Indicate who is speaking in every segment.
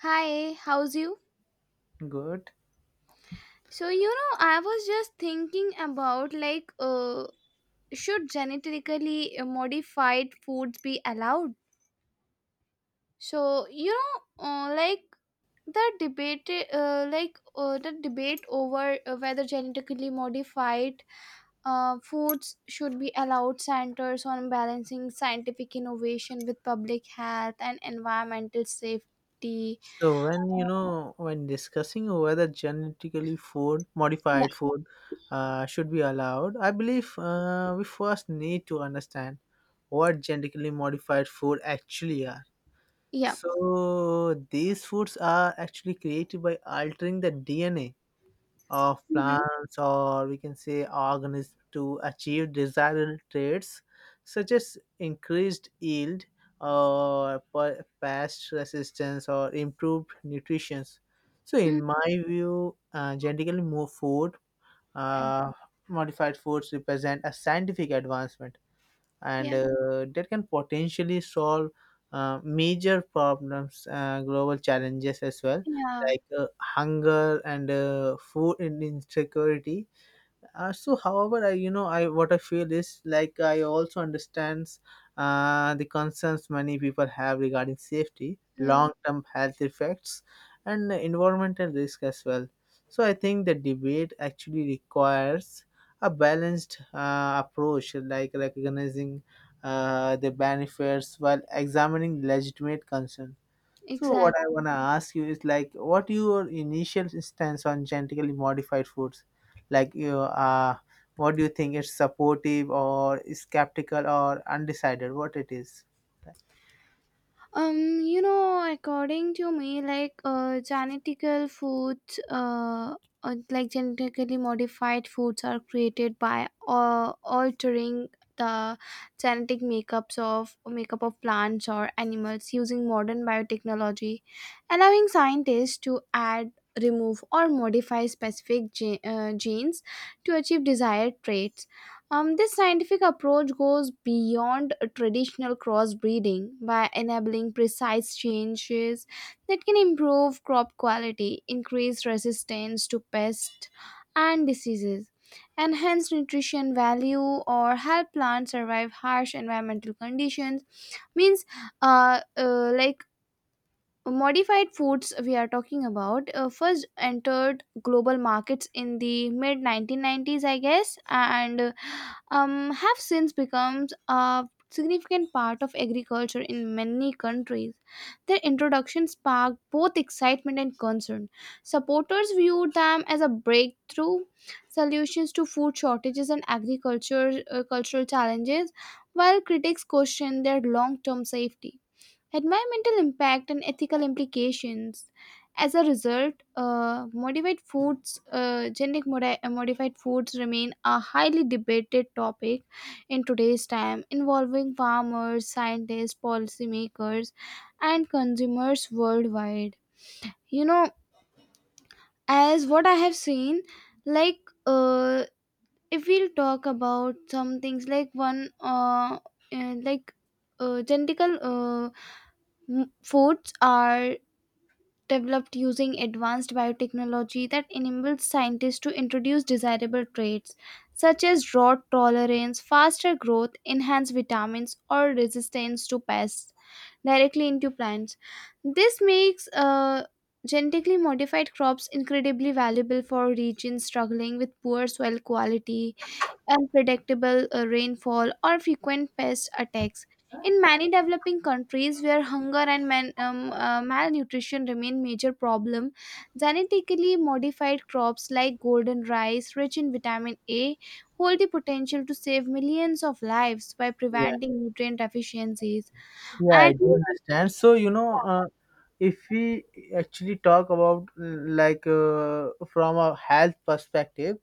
Speaker 1: Hi, how's you?
Speaker 2: Good.
Speaker 1: I was just thinking about should genetically modified foods be allowed? So, you know, like the debate, like The debate over whether genetically modified foods should be allowed centers on balancing scientific innovation with public health and environmental safety.
Speaker 2: So when you
Speaker 1: Uh,
Speaker 2: know when discussing whether genetically food
Speaker 1: Yeah,
Speaker 2: modified food should be allowed, I believe we first need to understand what genetically modified food actually are.
Speaker 1: yeah,
Speaker 2: So these foods are actually created by altering the DNA of
Speaker 1: mm-hmm.
Speaker 2: plants, or we can say organisms, to achieve desired traits such as increased yield or pest resistance or improved nutrition. So, in my view, uh, modified foods represent a scientific advancement, and
Speaker 1: yeah,
Speaker 2: that can potentially solve major problems, global challenges as well,
Speaker 1: yeah.
Speaker 2: like hunger and food insecurity. So, however, I you know I what I feel is, like, I also understand the concerns many people have regarding safety,
Speaker 1: Hmm.
Speaker 2: long-term health effects, and environmental risk as well. So, I think the debate actually requires a balanced approach, like recognizing the benefits while examining legitimate concerns. So what I
Speaker 1: Exactly.
Speaker 2: wanna ask you is, like, what your initial stance on genetically modified foods? Like, you what do you think? It's supportive or skeptical or undecided? What it is?
Speaker 1: According to me, genetically modified foods are created by altering the genetic makeup of plants or animals using modern biotechnology, allowing scientists to add, remove, or modify specific genes to achieve desired traits. This scientific approach goes beyond traditional crossbreeding by enabling precise changes that can improve crop quality, increase resistance to pests and diseases, enhance nutrition value, or help plants survive harsh environmental conditions. Means, like Modified foods we are talking about first entered global markets in the mid 1990s, I guess, and have since become a significant part of agriculture in many countries. Their introduction sparked both excitement and concern. Supporters viewed them as a breakthrough solutions to food shortages and agriculture cultural challenges, while critics questioned their long-term safety, environmental impact, and ethical implications. As a result, modified foods, genetic modi- modified foods remain a highly debated topic in today's time, involving farmers, scientists, policymakers, and consumers worldwide. You know, as what I have seen, like uh, if we'll talk about some things like one, like genetical uh, m- foods are developed using advanced biotechnology that enables scientists to introduce desirable traits such as drought tolerance, faster growth, enhanced vitamins, or resistance to pests directly into plants. This makes genetically modified crops incredibly valuable for regions struggling with poor soil quality, unpredictable rainfall, or frequent pest attacks. In many developing countries where hunger and malnutrition remain major problem, genetically modified crops like golden rice, rich in vitamin A, hold the potential to save millions of lives by
Speaker 2: Yeah.
Speaker 1: preventing nutrient deficiencies.
Speaker 2: Yeah, I
Speaker 1: And
Speaker 2: do understand. So, if we actually talk about like from a health perspective,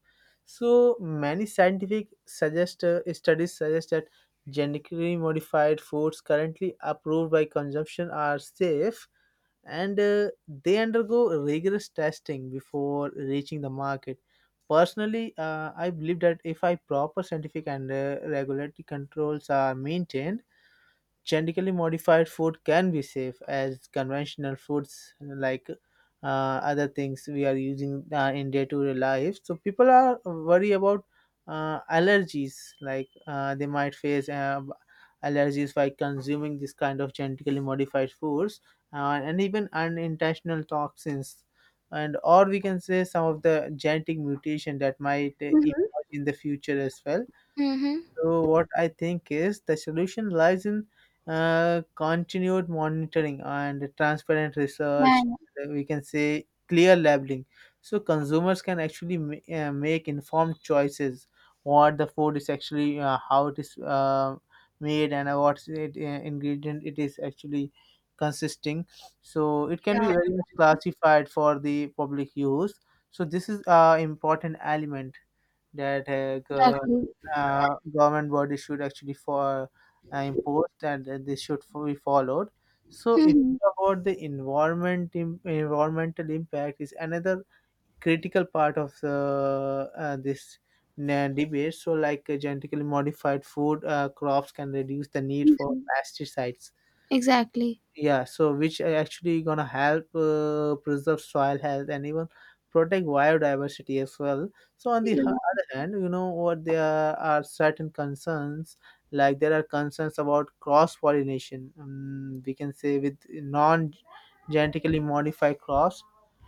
Speaker 2: so many scientific suggest studies suggest that genetically modified foods currently approved by consumption are safe, and they undergo rigorous testing before reaching the market. Personally, I believe that if I proper scientific and regulatory controls are maintained, genetically modified food can be safe as conventional foods, like other things we are using in day-to-day life. So people are worried about allergies, like they might face allergies by consuming this kind of genetically modified foods, and even unintentional toxins, and, or we can say, some of the genetic mutation that might
Speaker 1: mhm.
Speaker 2: emerge in the future as well.
Speaker 1: Mhm.
Speaker 2: So what I think is, the solution lies in continued monitoring and transparent
Speaker 1: Yeah,
Speaker 2: research. We can say clear labeling, so consumers can actually make informed choices. What the food is actually, how it is made, and what ingredient it is actually consisting. So it can be
Speaker 1: yeah,
Speaker 2: very much classified for the public use. So this is a important element that
Speaker 1: exactly.
Speaker 2: government body should actually for impose, and that this should be followed. So if you
Speaker 1: Mhm.
Speaker 2: talk about the environment, environmental impact is another critical part of this debate. So, like genetically modified food crops can reduce the need for
Speaker 1: Mhm.
Speaker 2: pesticides,
Speaker 1: Exactly.
Speaker 2: yeah, so which are actually gonna help preserve soil health and even protect biodiversity as well. So on the
Speaker 1: Yeah,
Speaker 2: other hand, you know what, there are certain concerns, like there are concerns about cross pollination, we can say, with non genetically modified crops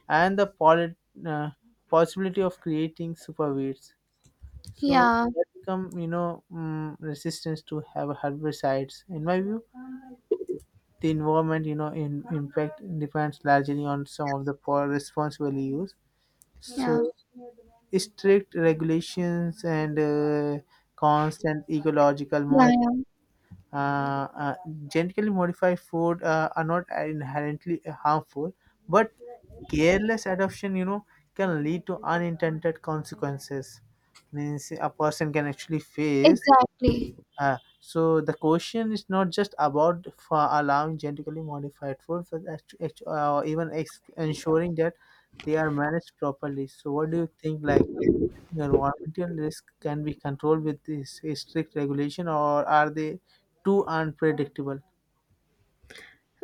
Speaker 2: and the pollen, uh, possibility of creating superweeds, so
Speaker 1: yeah,
Speaker 2: that become, resistance to have herbicides. In my view, the environment, you know in impact depends largely on some of the poor responsible use.
Speaker 1: yeah,
Speaker 2: So strict regulations and constant ecological
Speaker 1: yeah, yeah,
Speaker 2: uh, uh, genetically modified food are not inherently harmful, but careless adoption, can lead to unintended consequences. Means a person can actually face,
Speaker 1: exactly.
Speaker 2: so the question is not just about for allowing genetically modified food, but even ensuring that they are managed properly. So what do you think? Like, environmental risk can be controlled with this strict regulation, or are they too unpredictable?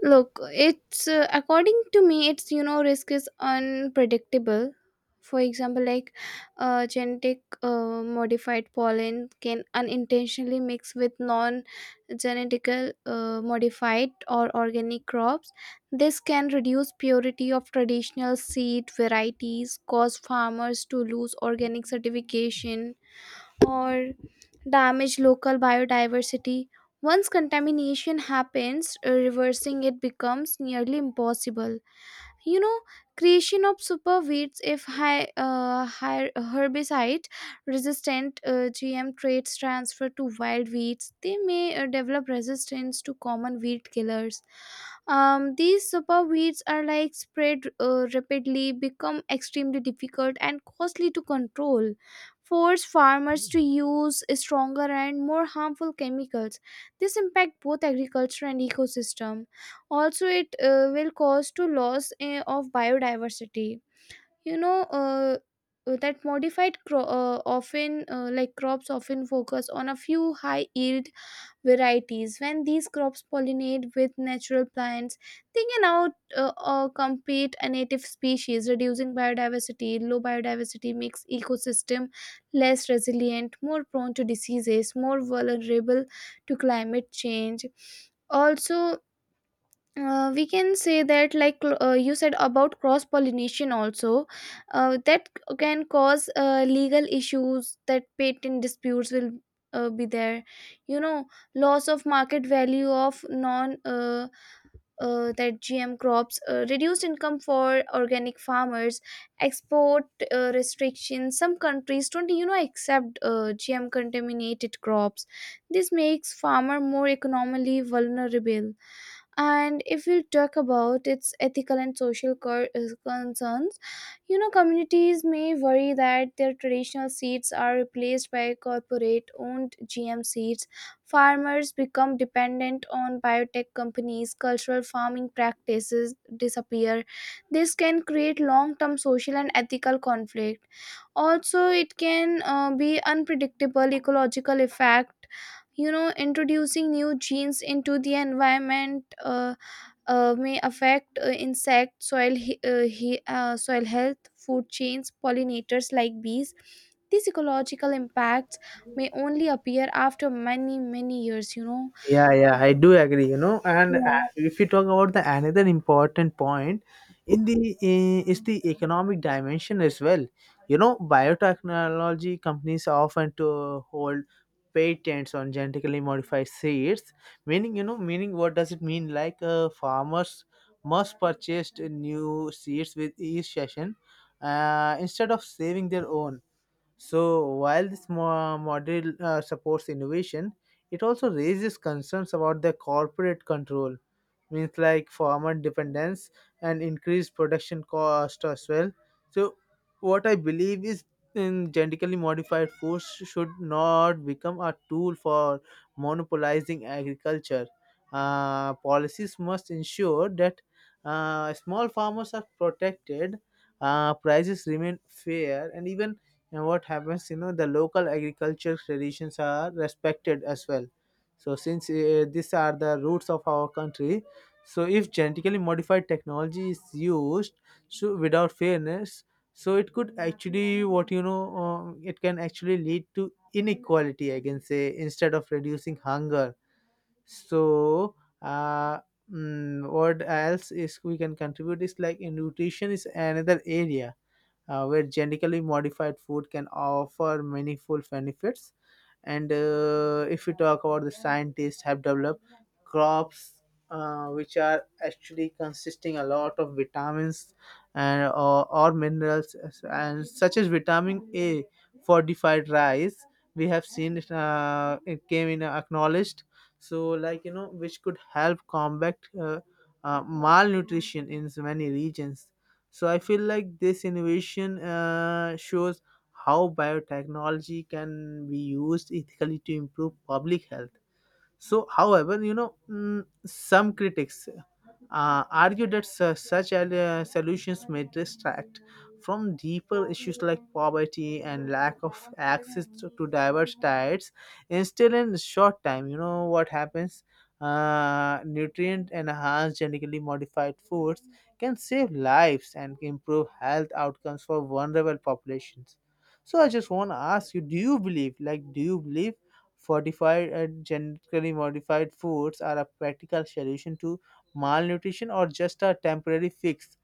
Speaker 1: Look, it's according to me, risk is unpredictable. For example, genetic modified pollen can unintentionally mix with non genetical modified or organic crops. This can reduce purity of traditional seed varieties, cause farmers to lose organic certification, or damage local biodiversity. Once contamination happens, reversing it becomes nearly impossible, you know. Creation of super weeds: if high herbicide resistant GM traits transfer to wild weeds, they may develop resistance to common weed killers. These super weeds are like spread rapidly, become extremely difficult and costly to control, force farmers to use stronger and more harmful chemicals. This impact both agriculture and ecosystem. Also, it will cause to loss of biodiversity, you know. Uh, that modified cro- often like Crops often focus on a few high yield varieties. When these crops pollinate with natural plants, they can out compete a native species, reducing biodiversity. Low biodiversity makes ecosystem less resilient, more prone to diseases, more vulnerable to climate change. Also, we can say that you said about cross pollination also, that can cause legal issues, that patent disputes will be there, you know. Loss of market value of non that GM crops, reduced income for organic farmers, export restrictions. Some countries don't, you know, accept GM contaminated crops. This makes farmer more economically vulnerable. And if we talk about its ethical and social concerns, you know, communities may worry that their traditional seeds are replaced by corporate owned GM seeds, farmers become dependent on biotech companies, cultural farming practices disappear. This can create long term social and ethical conflict. Also, it can be unpredictable ecological effect, you know, introducing new genes into the environment. May affect insect, soil health, food chains, pollinators like bees. These ecological impacts may only appear after many many years, you know.
Speaker 2: Yeah, yeah, I do agree, you know. And
Speaker 1: Yeah,
Speaker 2: if you talk about the another important point in the is the economic dimension as well. You know, biotechnology companies often to hold patents on genetically modified seeds, meaning what does it mean? Like farmers must purchase new seeds with each session instead of saving their own. So while this model supports innovation, it also raises concerns about the corporate control. Means, like, farmer dependence and increased production cost as well. So what I believe is, in genetically modified foods should not become a tool for monopolizing agriculture. Policies must ensure that small farmers are protected, prices remain fair, and even, you know, what happens, you know, the local agriculture traditions are respected as well. So since these are the roots of our country, so if genetically modified technology is used, so without fairness, so it could actually what you know it can actually lead to inequality, I can say, instead of reducing hunger. So uh, what else is we can contribute is, like, in nutrition is another area where genetically modified food can offer meaningful benefits. And if we talk about the scientists have developed crops which are actually consisting a lot of vitamins, and or minerals, and such as vitamin A fortified rice, we have seen it. It came in, acknowledged. So, like, which could help combat malnutrition in so many regions. So I feel like this innovation shows how biotechnology can be used ethically to improve public health. So, however, some critics argue that such solutions may distract from deeper issues like poverty and lack of access to diverse diets. Instead, in short time, you know what happens? Nutrient enhanced genetically modified foods can save lives and improve health outcomes for vulnerable populations. So I just want to ask you: Do you believe fortified and genetically modified foods are a practical solution to malnutrition, or just a temporary fix?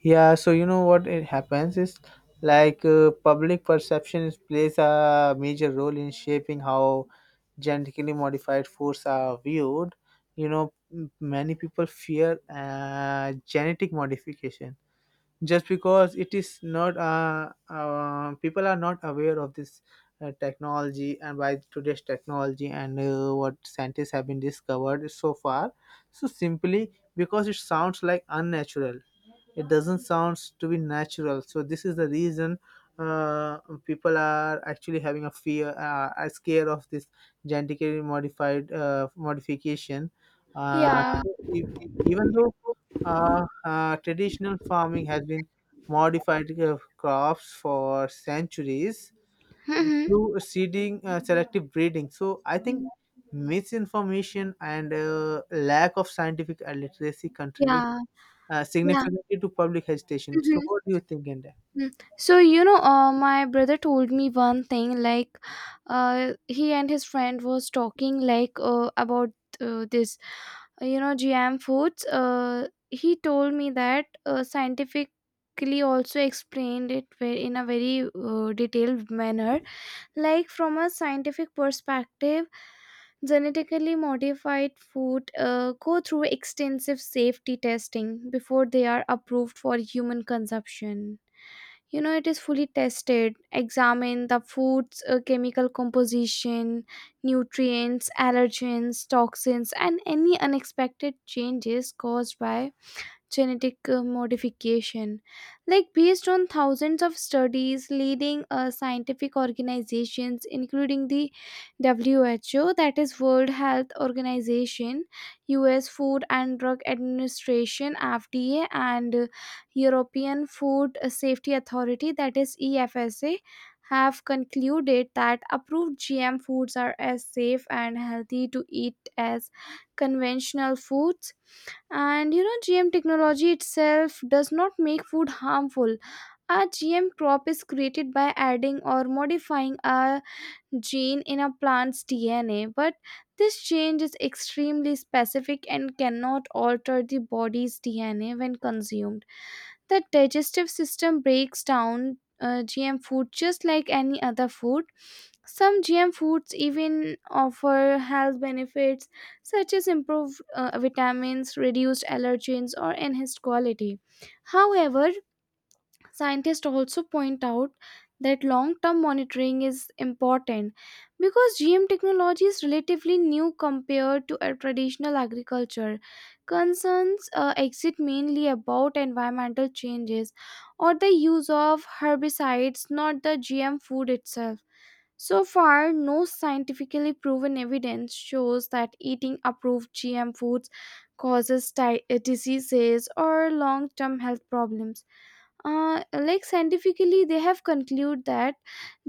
Speaker 2: Yeah, so you know what it happens is, like public perception plays a major role in shaping how genetically modified foods are viewed. You know, many people fear genetic modification just because it is not people are not aware of this technology, and by today's technology and what scientists have been discovered so far. So simply because it sounds like unnatural, it doesn't sound to be natural, so this is the reason uh, people are actually having a fear, are scared of this genetically modified modification. uh,
Speaker 1: yeah,
Speaker 2: e- Even though traditional farming has been modified crops for centuries
Speaker 1: mhm,
Speaker 2: through seeding selective breeding, so I think
Speaker 1: yeah,
Speaker 2: misinformation and lack of scientific literacy contributes
Speaker 1: yeah. Yeah.
Speaker 2: significantly to public hesitation. So,
Speaker 1: Mhm.
Speaker 2: what do you think, in
Speaker 1: Mm. So, you know, my brother told me one thing, like he and his friend was talking like about uh, this, you know, GM foods. He told me that scientifically also explained it in a very detailed manner. Like from a scientific perspective, genetically modified food go through extensive safety testing before they are approved for human consumption. You know, it is fully tested, examine the food's chemical composition, nutrients, allergens, toxins, and any unexpected changes caused by genetic modification. Like based on thousands of studies, leading scientific organizations, including the WHO, that is World Health Organization, US Food and Drug Administration, FDA, and European Food Safety Authority, that is EFSA, have concluded that approved GM foods are as safe and healthy to eat as conventional foods. And you know, GM technology itself does not make food harmful. A GM crop is created by adding or modifying a gene in a plant's DNA, but this change is extremely specific and cannot alter the body's DNA when consumed. The digestive system breaks down GM food just like any other food. Some GM foods even offer health benefits such as improved vitamins, reduced allergens, or enhanced quality. However, scientists also point out that long term monitoring is important because GM technology is relatively new compared to a traditional agriculture. Concerns exist mainly about environmental changes or the use of herbicides, not the GM food itself. So far, no scientifically proven evidence shows that eating approved GM foods causes diseases or long term health problems. Like scientifically they have concluded that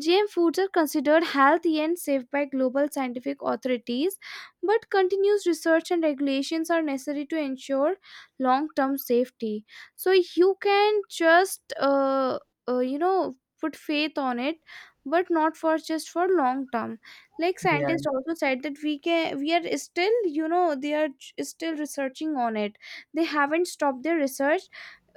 Speaker 1: GM foods are considered healthy and safe by global scientific authorities, but continuous research and regulations are necessary to ensure long term safety. So you can just you know, put faith on it, but not for just for long term. Like
Speaker 2: yeah.
Speaker 1: scientists also said that we are still, you know, they are still researching on it. They haven't stopped their research.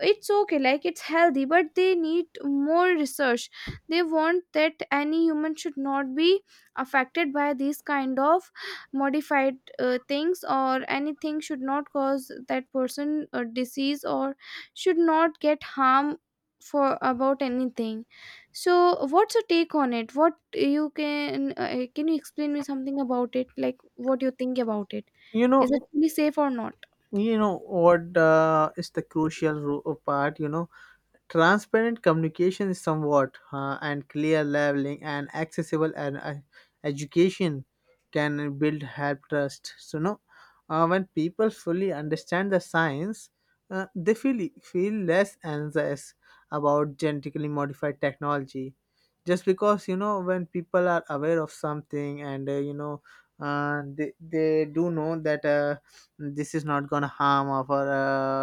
Speaker 1: It's okay, like it's healthy, but they need more research. They want that any human should not be affected by these kind of modified things, or anything should not cause that person a disease or should not get harm for about anything. So what's your take on it? What you can, can you explain me something about it, like what you think about it,
Speaker 2: You
Speaker 1: is
Speaker 2: know,
Speaker 1: it really safe or not?
Speaker 2: you know what is the crucial part. You know, transparent communication is somewhat, and clear labeling and accessible, and education can build help trust. So no, when people fully understand the science, they feel less anxious about genetically modified technology. Just because, you know, when people are aware of something, and they do know that this is not gonna harm our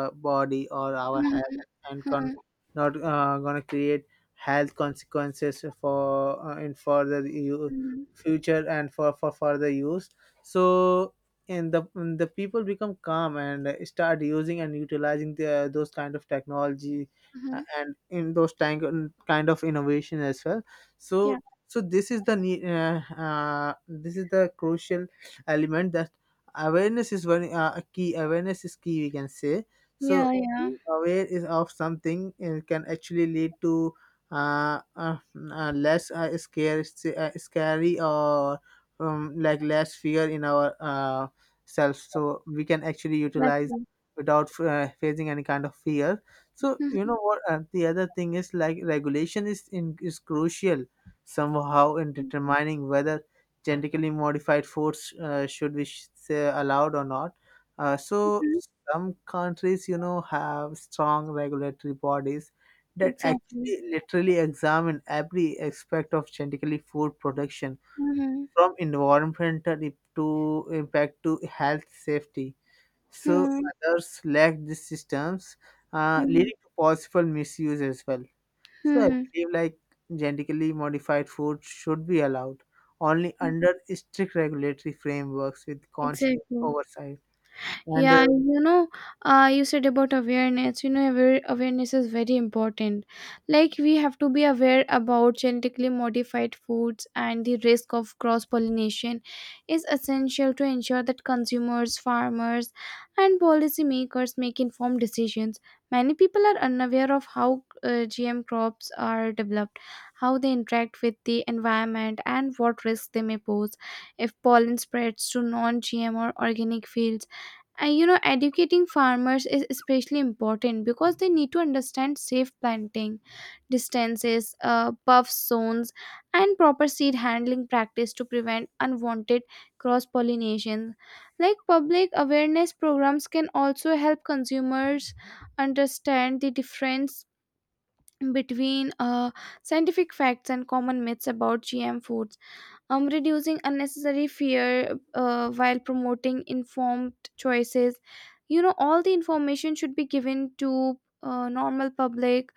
Speaker 2: body or our
Speaker 1: Mhm,
Speaker 2: health, and
Speaker 1: mhm,
Speaker 2: not going to create health consequences for in further
Speaker 1: mhm,
Speaker 2: future, and for further use. So, and the people become calm and start using and utilizing the, those kind of technology,
Speaker 1: mhm.
Speaker 2: and in those tank, kind of innovation as well.
Speaker 1: Yeah.
Speaker 2: So so this is the this is the crucial element, that awareness is one a key. Awareness is key, we can say. So
Speaker 1: Yeah, yeah,
Speaker 2: being aware is of something can actually lead to, uh, uh, less, scary, or like less fear in our self, so we can actually utilize
Speaker 1: exactly.
Speaker 2: without facing any kind of fear. So you
Speaker 1: Mhm,
Speaker 2: know what, the other thing is like regulation is crucial, somehow, in determining whether genetically modified foods should be say allowed or not. So
Speaker 1: mhm,
Speaker 2: some countries, you know, have strong regulatory bodies that
Speaker 1: exactly.
Speaker 2: actually literally examine every aspect of genetically food production,
Speaker 1: Mhm,
Speaker 2: from environmental I- to impact to health safety. So
Speaker 1: mhm,
Speaker 2: others lack these systems,
Speaker 1: mhm,
Speaker 2: leading to possible misuse as well.
Speaker 1: mhm,
Speaker 2: So I
Speaker 1: mhm.
Speaker 2: believe like genetically modified food should be allowed only under strict regulatory frameworks with continuous
Speaker 1: Exactly.
Speaker 2: oversight. And
Speaker 1: Yeah, you know, you said about awareness. You know, awareness is very important. Like, we have to be aware about genetically modified foods, and the risk of cross pollination is essential to ensure that consumers, farmers, and policymakers make informed decisions. Many people are unaware of how GM crops are developed, how they interact with the environment, and what risks they may pose if pollen spreads to non GM or organic fields. And you know, educating farmers is especially important because they need to understand safe planting distances, buff zones, and proper seed handling practice to prevent unwanted cross pollination. Like public awareness programs can also help consumers understand the difference between scientific facts and common myths about GM foods, reducing unnecessary fear while promoting informed choices. You know, all the information should be given to normal public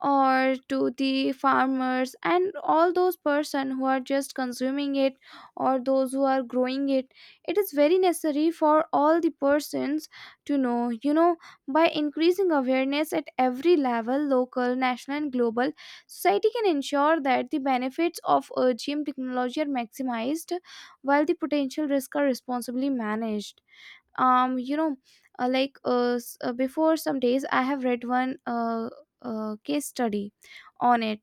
Speaker 1: or to the farmers and all those person who are just consuming it, or those who are growing it. It is very necessary for all the persons to know, you know. By increasing awareness at every level, local, national, and global, society can ensure that the benefits of GM technology are maximized while the potential risks are responsibly managed. You know, before some days, I have read one case study on it.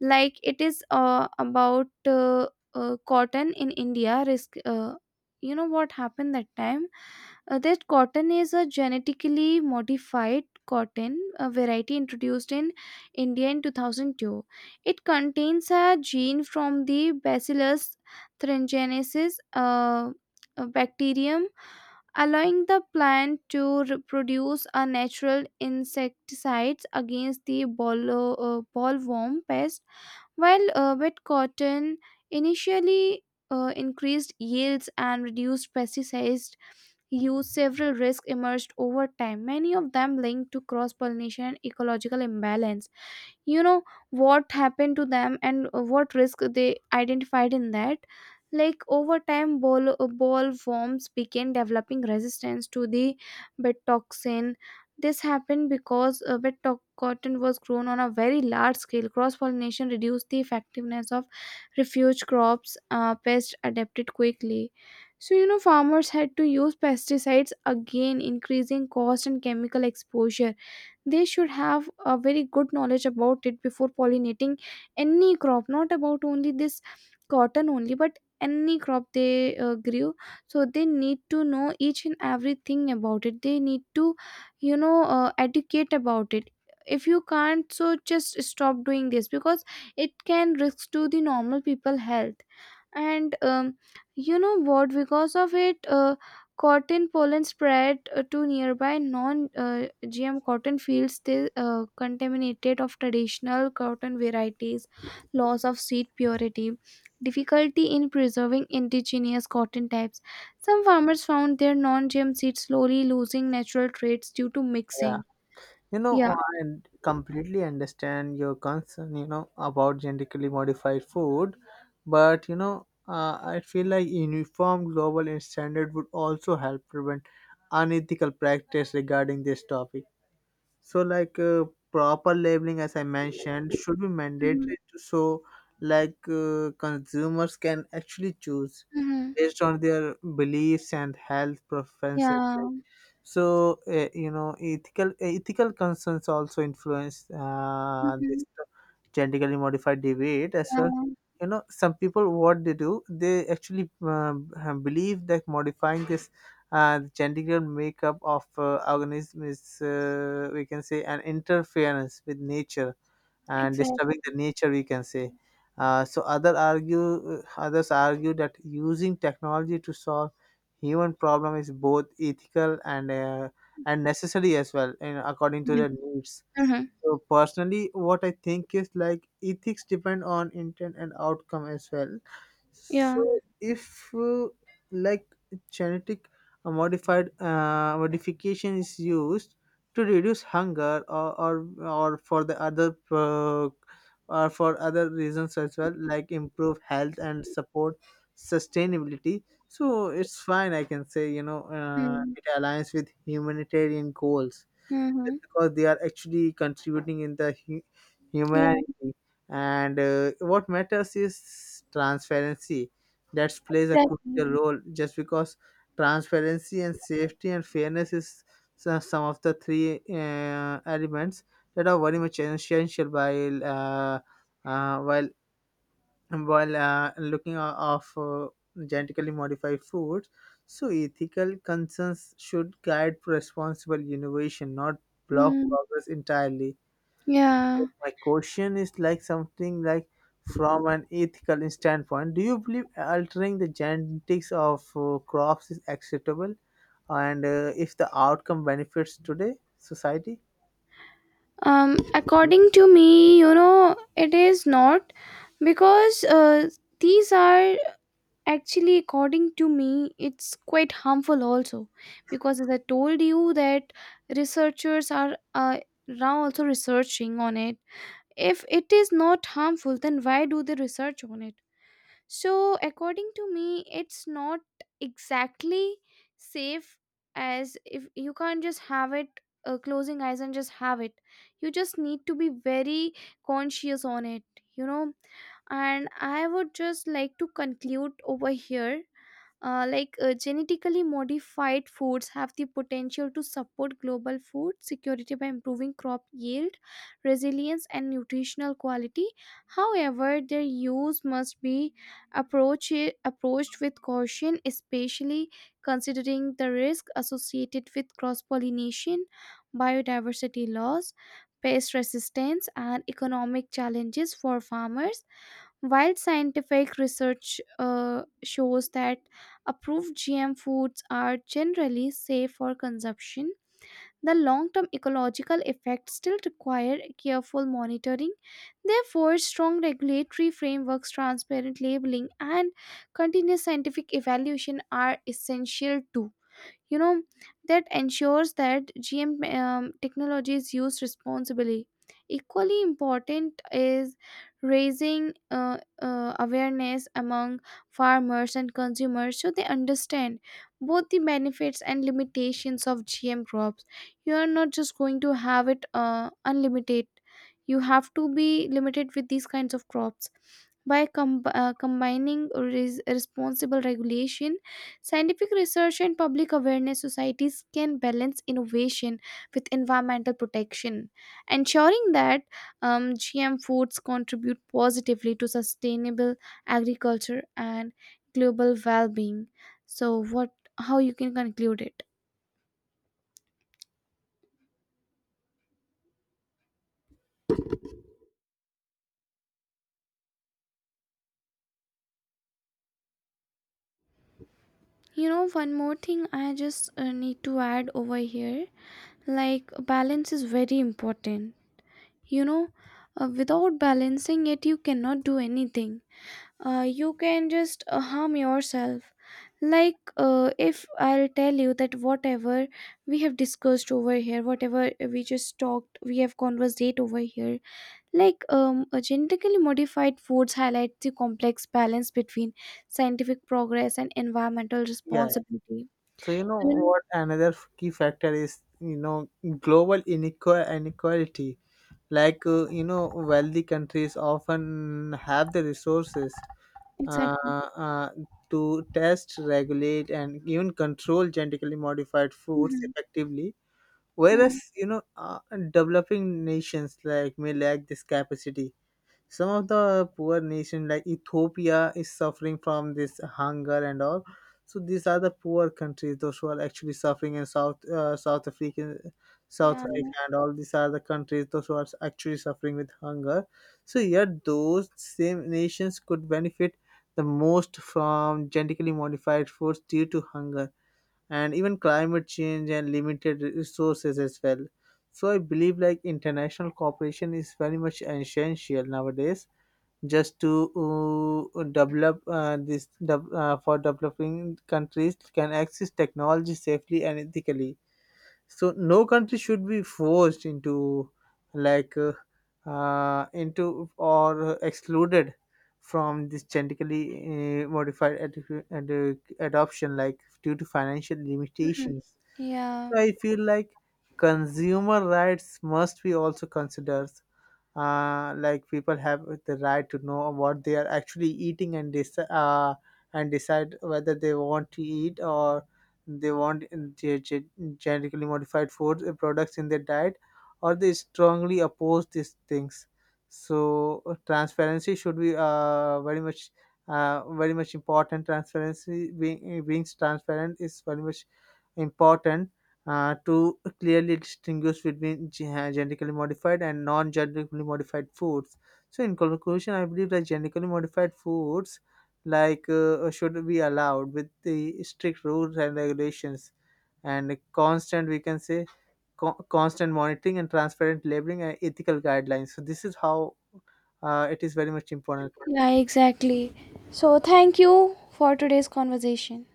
Speaker 1: Like it is about cotton in India risk. You know what happened that time? That cotton is a genetically modified cotton, a variety introduced in India in 2002. It contains a gene from the Bacillus thuringiensis, a bacterium, allowing the plant to produce a natural insecticides against the bollworm pest. While wet cotton initially increased yields and reduced pesticide use, several risks emerged over time, many of them linked to cross pollination and ecological imbalance. You know what happened to them and what risk they identified in that? Like over time, ballworms began developing resistance to the bed toxin. This happened because cotton was grown on a very large scale. Cross pollination reduced the effectiveness of refuge crops, pests adapted quickly. So you know, farmers had to use pesticides again, increasing cost and chemical exposure. They should have a very good knowledge about it before pollinating any crop, not about only this cotton only, but any crop they grew. So they need to know each and everything about it. They need to, you know, educate about it. If you can't, so just stop doing this, because it can risk to the normal people health. And you know what, because of it, cotton pollen spread to nearby non-GM cotton fields, still contaminated of traditional cotton varieties, loss of seed purity, difficulty in preserving indigenous cotton types. Some farmers found their non-GM seeds slowly losing natural traits due to
Speaker 2: yeah.
Speaker 1: mixing.
Speaker 2: You know, oh,
Speaker 1: Yeah.
Speaker 2: I completely understand your concern, you know, about genetically modified food, but, you know, I feel like uniform global standard would also help prevent unethical practice regarding this topic. So, like proper labeling, as I mentioned, should be
Speaker 1: Hmm,
Speaker 2: mandatory, so like consumers can actually choose
Speaker 1: hmm.
Speaker 2: based on their beliefs and health preferences.
Speaker 1: Yeah.
Speaker 2: So you know, ethical concerns also influence
Speaker 1: Hmm.
Speaker 2: this genetically modified debate as well.
Speaker 1: Yeah.
Speaker 2: You know, some people, what they do, they actually believe that modifying this genetic makeup of organism is, we can say, an interference with nature, and
Speaker 1: Exactly.
Speaker 2: disturbing the nature, we can say. So others argue that using technology to solve human problem is both ethical and, and necessary as well, you know, according to
Speaker 1: Yeah.
Speaker 2: their needs.
Speaker 1: Mhm.
Speaker 2: So personally, what I think is, like, ethics depend on intent and outcome as well.
Speaker 1: Yeah.
Speaker 2: So if like genetic modified modification is used to reduce hunger, or for other reasons as well, like improve health and support sustainability. So it's fine, I can say. You know, it aligns with humanitarian goals,
Speaker 1: Mm-hmm.
Speaker 2: just because they are actually contributing in the
Speaker 1: Yeah.
Speaker 2: humanity. And what matters is transparency, that plays a
Speaker 1: Exactly.
Speaker 2: crucial role, just because transparency and safety and fairness is some of the three elements that are very much essential while uh, while looking of genetically modified foods. So ethical concerns should guide responsible innovation, not block
Speaker 1: Mm.
Speaker 2: progress entirely.
Speaker 1: Yeah.
Speaker 2: My question is, like, something, like, from an ethical standpoint, do you believe altering the genetics of crops is acceptable, and if the outcome benefits today society?
Speaker 1: According to me, you know, it is not, because these are, actually according to me, it's quite harmful also, because as I told you that researchers are, now also researching on it. If it is not harmful, then why do they research on it? So according to me, it's not exactly safe. As if you can't just have it closing eyes and just have it, you just need to be very conscious on it, you know. And I would just like to conclude over here. Genetically modified foods have the potential to support global food security by improving crop yield, resilience, and nutritional quality. However, their use must be approached with caution, especially considering the risk associated with cross pollination, biodiversity loss, pest resistance, and economic challenges for farmers. While scientific research shows that approved GM foods are generally safe for consumption, the long term ecological effects still require careful monitoring. Therefore, strong regulatory frameworks, transparent labeling, and continuous scientific evaluation are essential too, you know, that ensures that GM technology is used responsibly. Equally important is raising awareness among farmers and consumers so they understand both the benefits and limitations of GM crops. You are not just going to have it unlimited. You have to be limited with these kinds of crops. By combining responsible regulation, scientific research, and public awareness, societies can balance innovation with environmental protection, ensuring that GM foods contribute positively to sustainable agriculture and global well-being. So, what? How you can conclude it? You know, one more thing I just need to add over here, like balance is very important. You know, without balancing it, you cannot do anything. You can just harm yourself. Like, if I'll tell you that whatever we have discussed over here, whatever we just talked, we have conversate over here, like, genetically modified foods highlight the complex balance between scientific progress and environmental
Speaker 2: Yeah,
Speaker 1: responsibility. You
Speaker 2: so you know
Speaker 1: know?
Speaker 2: what another key factor is, you know, global inequality. Like, you know, wealthy countries often have the resources, uh,
Speaker 1: Exactly.
Speaker 2: uh, to test, regulate, and even control genetically modified foods
Speaker 1: Hmm,
Speaker 2: effectively, whereas,
Speaker 1: hmm.
Speaker 2: you know, developing nations, like, may lack this capacity. Some of the poor nation like Ethiopia is suffering from this hunger and all. So these are the poor countries, those who are actually suffering in South
Speaker 1: Yeah.
Speaker 2: Africa and all. These are the countries, those who are actually suffering with hunger. So yet, those same nations could benefit the most from genetically modified foods due to hunger and even climate change and limited resources as well. So I believe like international cooperation is very much essential nowadays, just to develop, for developing countries can access technology safely and ethically. So no country should be forced into, like, into or excluded from this genetically modified adoption, like, due to financial
Speaker 1: Hmm.
Speaker 2: limitations.
Speaker 1: Yeah.
Speaker 2: So I feel like consumer rights must be also considered, like people have the right to know what they are actually eating, and and decide whether they want to eat, or they want ge- ge- genetically modified food products in their diet, or they strongly oppose these things. So transparency should be, very much important. Transparency, being transparent, is very much important, to clearly distinguish between genetically modified and non-genetically modified foods. So, in conclusion, I believe that genetically modified foods, like, should be allowed with the strict rules and regulations, and constant, we can say, constant monitoring and transparent labeling and ethical guidelines. So, this is how it is very much important.
Speaker 1: Yeah, exactly. So, thank you for today's conversation.